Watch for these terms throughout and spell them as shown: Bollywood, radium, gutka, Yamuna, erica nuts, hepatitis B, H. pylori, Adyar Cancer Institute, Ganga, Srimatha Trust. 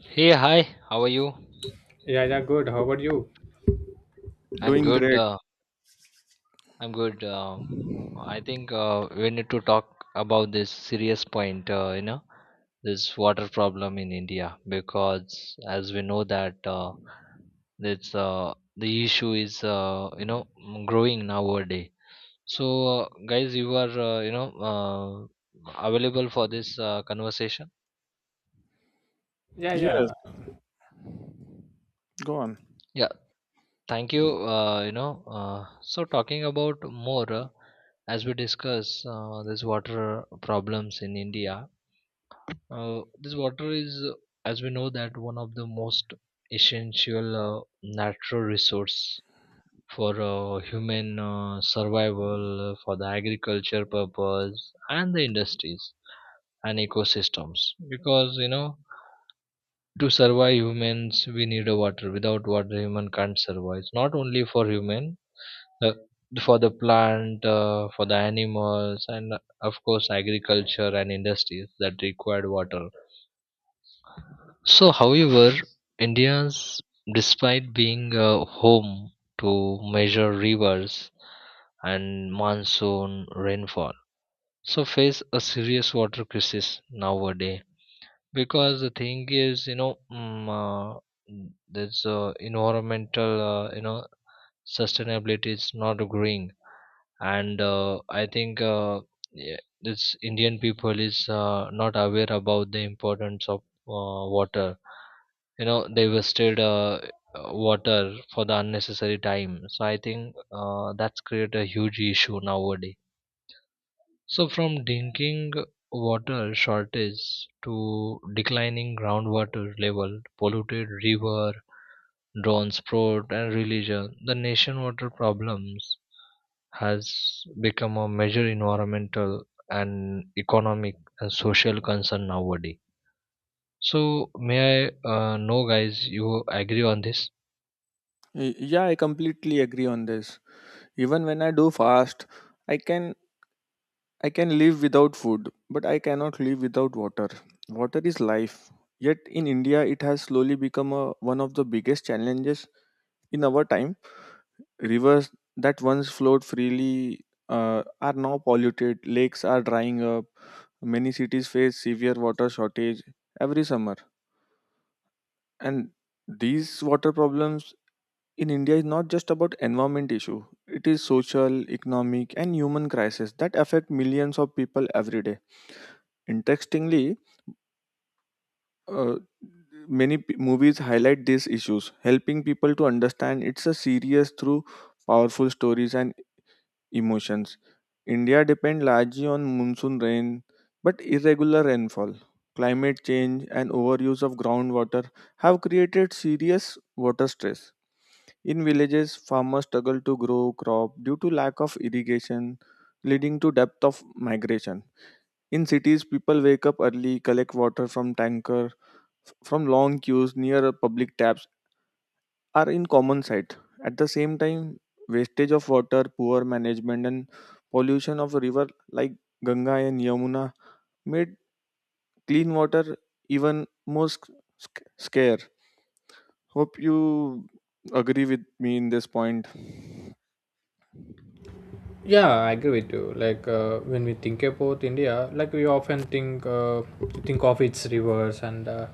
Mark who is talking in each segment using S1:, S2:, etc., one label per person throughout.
S1: Hey, hi, how are you?
S2: Yeah, yeah, good. How about you?
S1: I'm
S3: Doing
S1: good.
S3: great.
S1: I'm good. I think we need to talk about this serious point, this water problem in India, because as we know that it's, the issue is, growing nowadays. So, uh, guys, you are, available for this conversation?
S2: Yeah, yeah,
S3: Yes, go on.
S1: Yeah. Thank you. So talking about more, as we discuss this water problems in India. This water is, as we know, that one of the most essential natural resource for human survival, for the agriculture purpose, and the industries and ecosystems. Because to survive humans, we need a water. Without water, human can't survive. It's not only for human, uh, for the plant, for the animals, and of course, agriculture and industries that required water. So, however, India's, despite being home to major rivers and monsoon rainfall, so face a serious water crisis nowadays. Because the thing is, there's environmental, sustainability is not growing, and I think yeah, this Indian people is not aware about the importance of water. They wasted water for the unnecessary time, so I think that's create a huge issue nowadays, so from drinking water shortage to declining groundwater level, polluted river, drone sport and religion, the nation water problems has become a major environmental and economic and social concern nowadays. So, may I know, guys, you agree on this?
S3: Yeah, I completely agree on this. Even when I do fast, I can I can live without food, but I cannot live without water. Water is life. Yet in India, it has slowly become one of the biggest challenges in our time. Rivers that once flowed freely are now polluted. Lakes are drying up. Many cities face severe water shortage every summer, and these water problems in India is not just about environment issue. It is social, economic, and human crisis that affect millions of people every day. Interestingly, uh, many movies highlight these issues, helping people to understand it's a serious through powerful stories and emotions. India depends largely on monsoon rain, but irregular rainfall, climate change, and overuse of groundwater have created serious water stress. In villages, farmers struggle to grow crop due to lack of irrigation, leading to depth of migration. In cities, people wake up early, collect water from tanker, from long queues near public taps are in common sight. At the same time, wastage of water, poor management, and pollution of river like Ganga and Yamuna made clean water even more scarce. Hope you agree with me in this point.
S2: yeah, I agree with you. Like when we think about India, like we often think of its rivers and uh,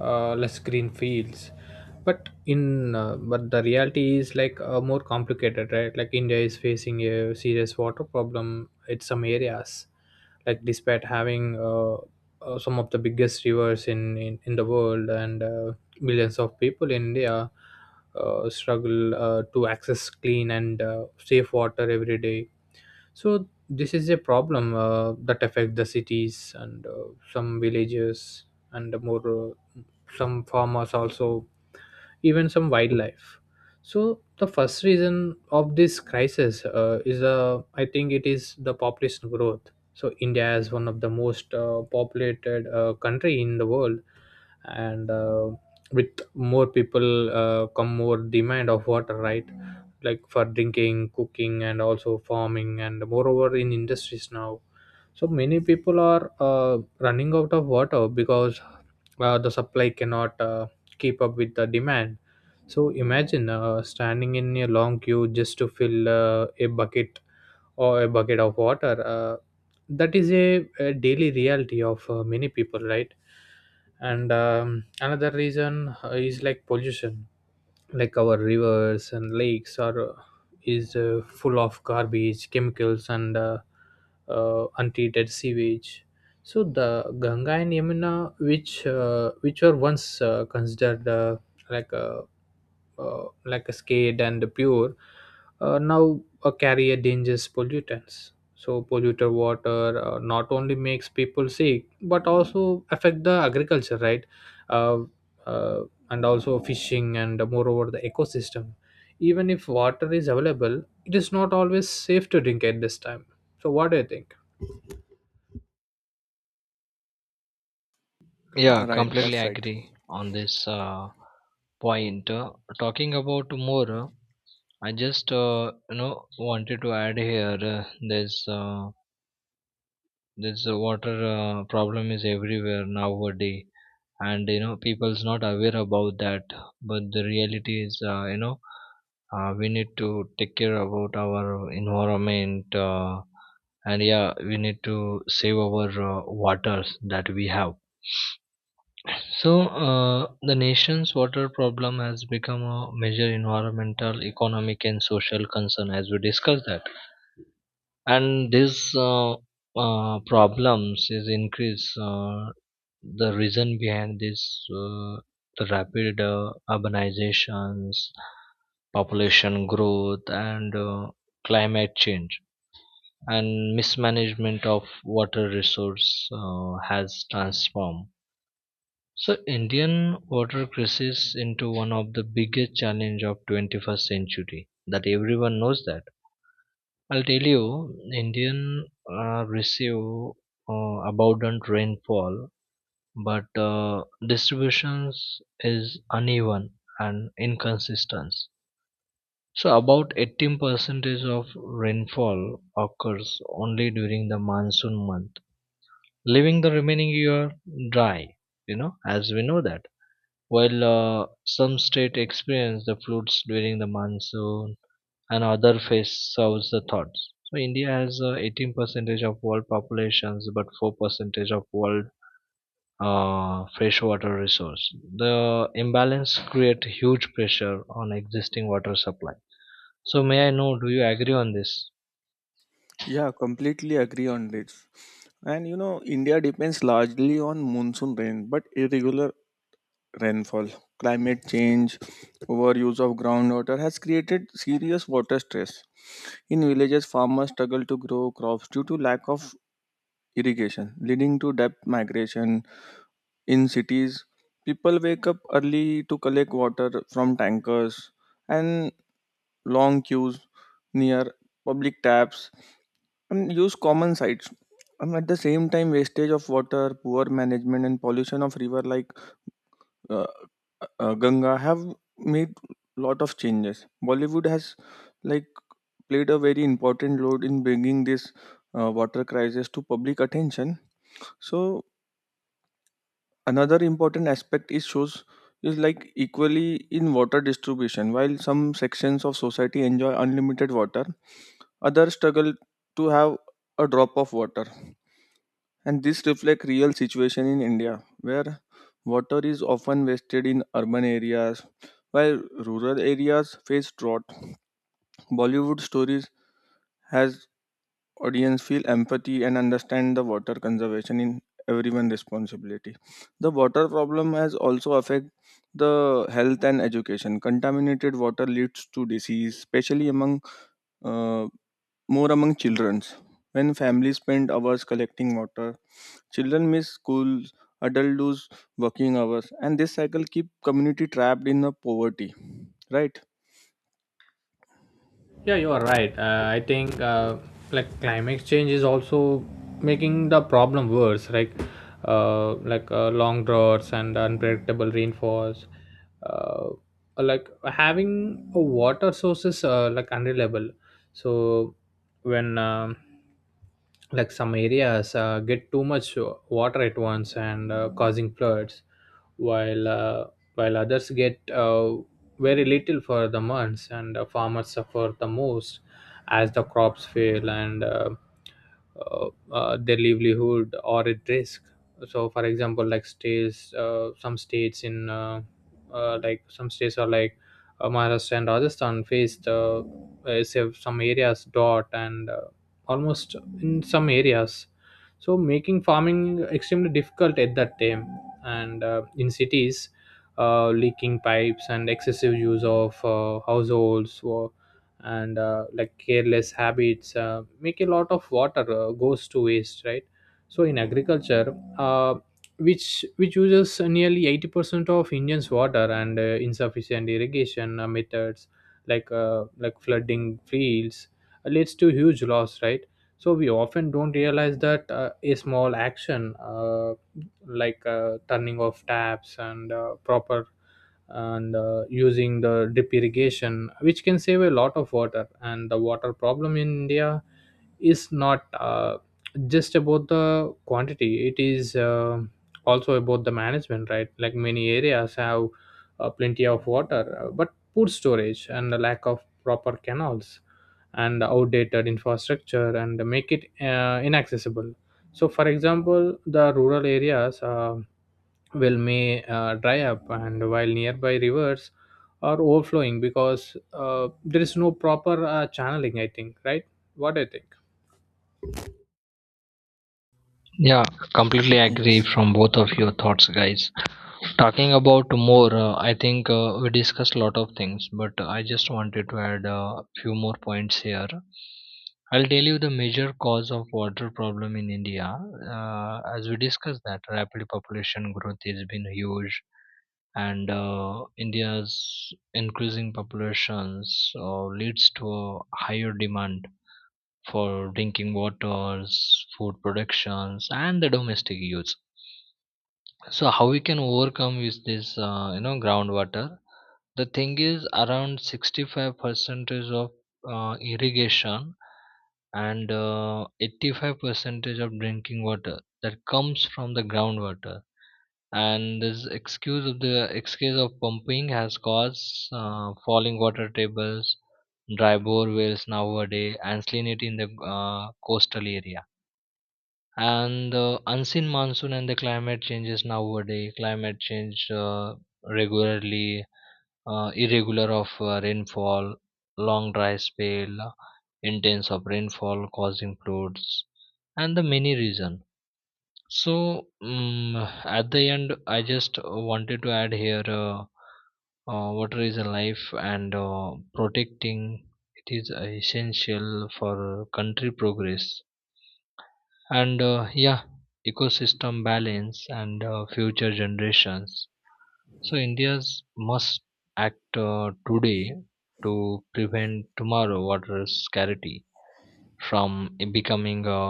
S2: uh, less green fields, but in but the reality is more complicated, right? Like India is facing a serious water problem in some areas, like despite having some of the biggest rivers in the world and millions of people in India struggle to access clean and safe water every day. So this is a problem that affect the cities and some villages and more some farmers also, even some wildlife. So the first reason of this crisis is I think it is the population growth. So India is one of the most populated country in the world, and with more people come more demand of water, right? Like for drinking, cooking, and also farming, and moreover in industries now. So many people are running out of water because the supply cannot keep up with the demand. So imagine standing in a long queue just to fill a bucket or a bucket of water. That is a daily reality of many people, right? And another reason is like pollution. Like our rivers and lakes are is full of garbage, chemicals, and untreated sewage. So the Ganga and Yamuna, which were once considered like uh, like a skate and pure, now carry a dangerous pollutants. So polluted water not only makes people sick but also affect the agriculture, right uh, uh, and also fishing, and moreover the ecosystem. Even if water is available, it is not always safe to drink at this time. So what do you think?
S1: Yeah,
S3: Right,
S1: completely
S3: that's right.
S1: agree on this point. Talking about more, I just wanted to add here. There's a water problem is everywhere nowadays. And you know people's not aware about that, but the reality is, we need to take care about our environment, and yeah, we need to save our waters that we have. So the nation's water problem has become a major environmental, economic, and social concern, as we discussed that. And these problems is increase, the reason behind this, uh, the rapid urbanizations, population growth, and climate change, and mismanagement of water resource has transformed so Indian water crisis into one of the biggest challenge of 21st century that everyone knows that. I'll tell you, Indian receive abundant rainfall, but distributions is uneven and inconsistent. So about 18% of rainfall occurs only during the monsoon month, leaving the remaining year dry, as we know that. While some states experience the floods during the monsoon, and other face serves the thoughts. So India has 18 percentage of world populations, but 4 percentage of world freshwater resource. The imbalance create huge pressure on existing water supply. So may I know, do you agree on this?
S3: Yeah, completely agree on this. And you know, India depends largely on monsoon rain, but irregular rainfall, climate change, overuse of groundwater has created serious water stress. In villages, farmers struggle to grow crops due to lack of irrigation, leading to debt migration. In cities, people wake up early to collect water from tankers and long queues near public taps and use common sites. At the same time, wastage of water, poor management, and pollution of river like uh, Ganga have made lot of changes. Bollywood has like played a very important role in bringing this water crisis to public attention. So another important aspect is shows is like equally in water distribution. While some sections of society enjoy unlimited water, others struggle to have a drop of water. And this reflects real situation in India, where water is often wasted in urban areas, while rural areas face drought. Bollywood stories has audience feel empathy and understand the water conservation in everyone responsibility. The water problem has also affect the health and education. Contaminated water leads to disease, especially uh, among childrens. When families spend hours collecting water, children miss school, adults lose working hours, and this cycle keep community trapped in a poverty, right?
S2: Yeah, you are right. I think like climate change is also making the problem worse. Like long droughts and unpredictable rainfalls. Uh, like having a water sources like unreliable. So when like some areas get too much water at once and causing floods, while uh, while others get very little for the months, and farmers suffer the most as the crops fail and uh, their livelihood are at risk. So, for example, like states, some states in like some states are like Maharashtra and Rajasthan faced so- some areas dot and almost in some areas. So, making farming extremely difficult at that time, and in cities leaking pipes and excessive use of households or, and like careless habits make a lot of water goes to waste, right? So in agriculture, which uses nearly 80% of indians water, and insufficient irrigation methods like flooding fields leads to huge loss, right? So we often don't realize that a small action, like turning off taps and proper, and using the drip irrigation, which can save a lot of water. And the water problem in India is not just about the quantity, it is also about the management, right? Like many areas have plenty of water, but poor storage and the lack of proper canals and outdated infrastructure, and make it inaccessible. So for example, the rural areas will may dry up and while nearby rivers are overflowing because there is no proper channeling, I think, right? What do you think?
S1: Yeah, completely agree
S3: Yes.
S1: from both of your thoughts, guys. Talking about more, I think we discussed a lot of things, but I just wanted to add a few more points here. I'll tell you the major cause of water problem in India. As we discussed that rapid population growth has been huge, and India's increasing populations leads to a higher demand for drinking waters, food productions, and the domestic use. So how we can overcome is this, groundwater. The thing is, around 65 percentage of irrigation and 85% of drinking water that comes from the groundwater. And this excuse of pumping has caused falling water tables, dry bore wells nowadays, and salinity in the coastal area, and the unseen monsoon and the climate changes nowadays. Climate change regularly, irregular of rainfall, long dry spell, intense of rainfall causing floods, and the many reason. So at the end, I just wanted to add here, water is a life, and protecting it is essential for country progress, and yeah, ecosystem balance and future generations. So India's must act today to prevent tomorrow water scarcity from it becoming a,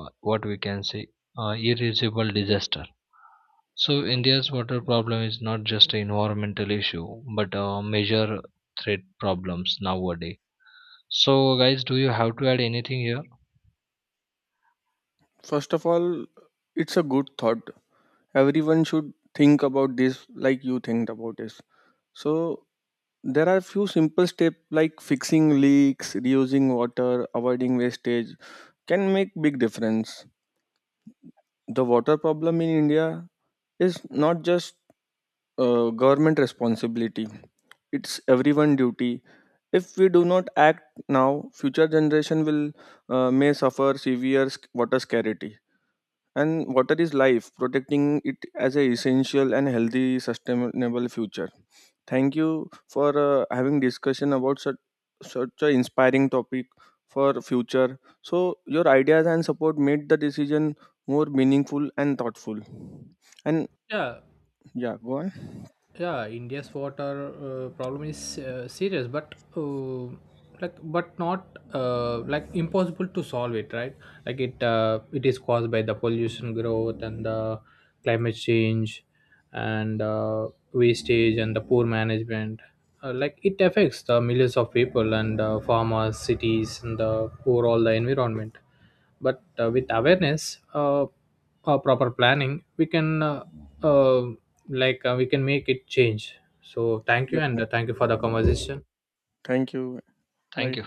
S1: what we can say, irreversible disaster. So India's water problem is not just an environmental issue but a major threat problems nowadays. So guys, do you have to add anything here?
S3: First of all, it's a good thought. Everyone should think about this, like you think about this. So there are few simple steps like fixing leaks, reusing water, avoiding wastage can make big difference. The water problem in India is not just government responsibility, it's everyone duty. If we do not act now, future generation will may suffer severe water scarcity. And water is life, protecting it as a essential and healthy sustainable future. Thank you for having discussion about such such an inspiring topic for future. So your ideas and support made the decision more meaningful and thoughtful. And
S2: Yeah,
S3: yeah, go on.
S2: yeah, India's water problem is serious, but like but not like impossible to solve it, right? Like it is caused by the pollution growth and the climate change and wastage and the poor management. Like it affects the millions of people and farmers, cities, and the overall the environment. But with awareness, proper planning, we can uh, we can make it change. So thank you, and
S3: Definitely.
S2: thank you for the conversation.
S3: Thank you.
S1: Thank
S3: Bye.
S1: you.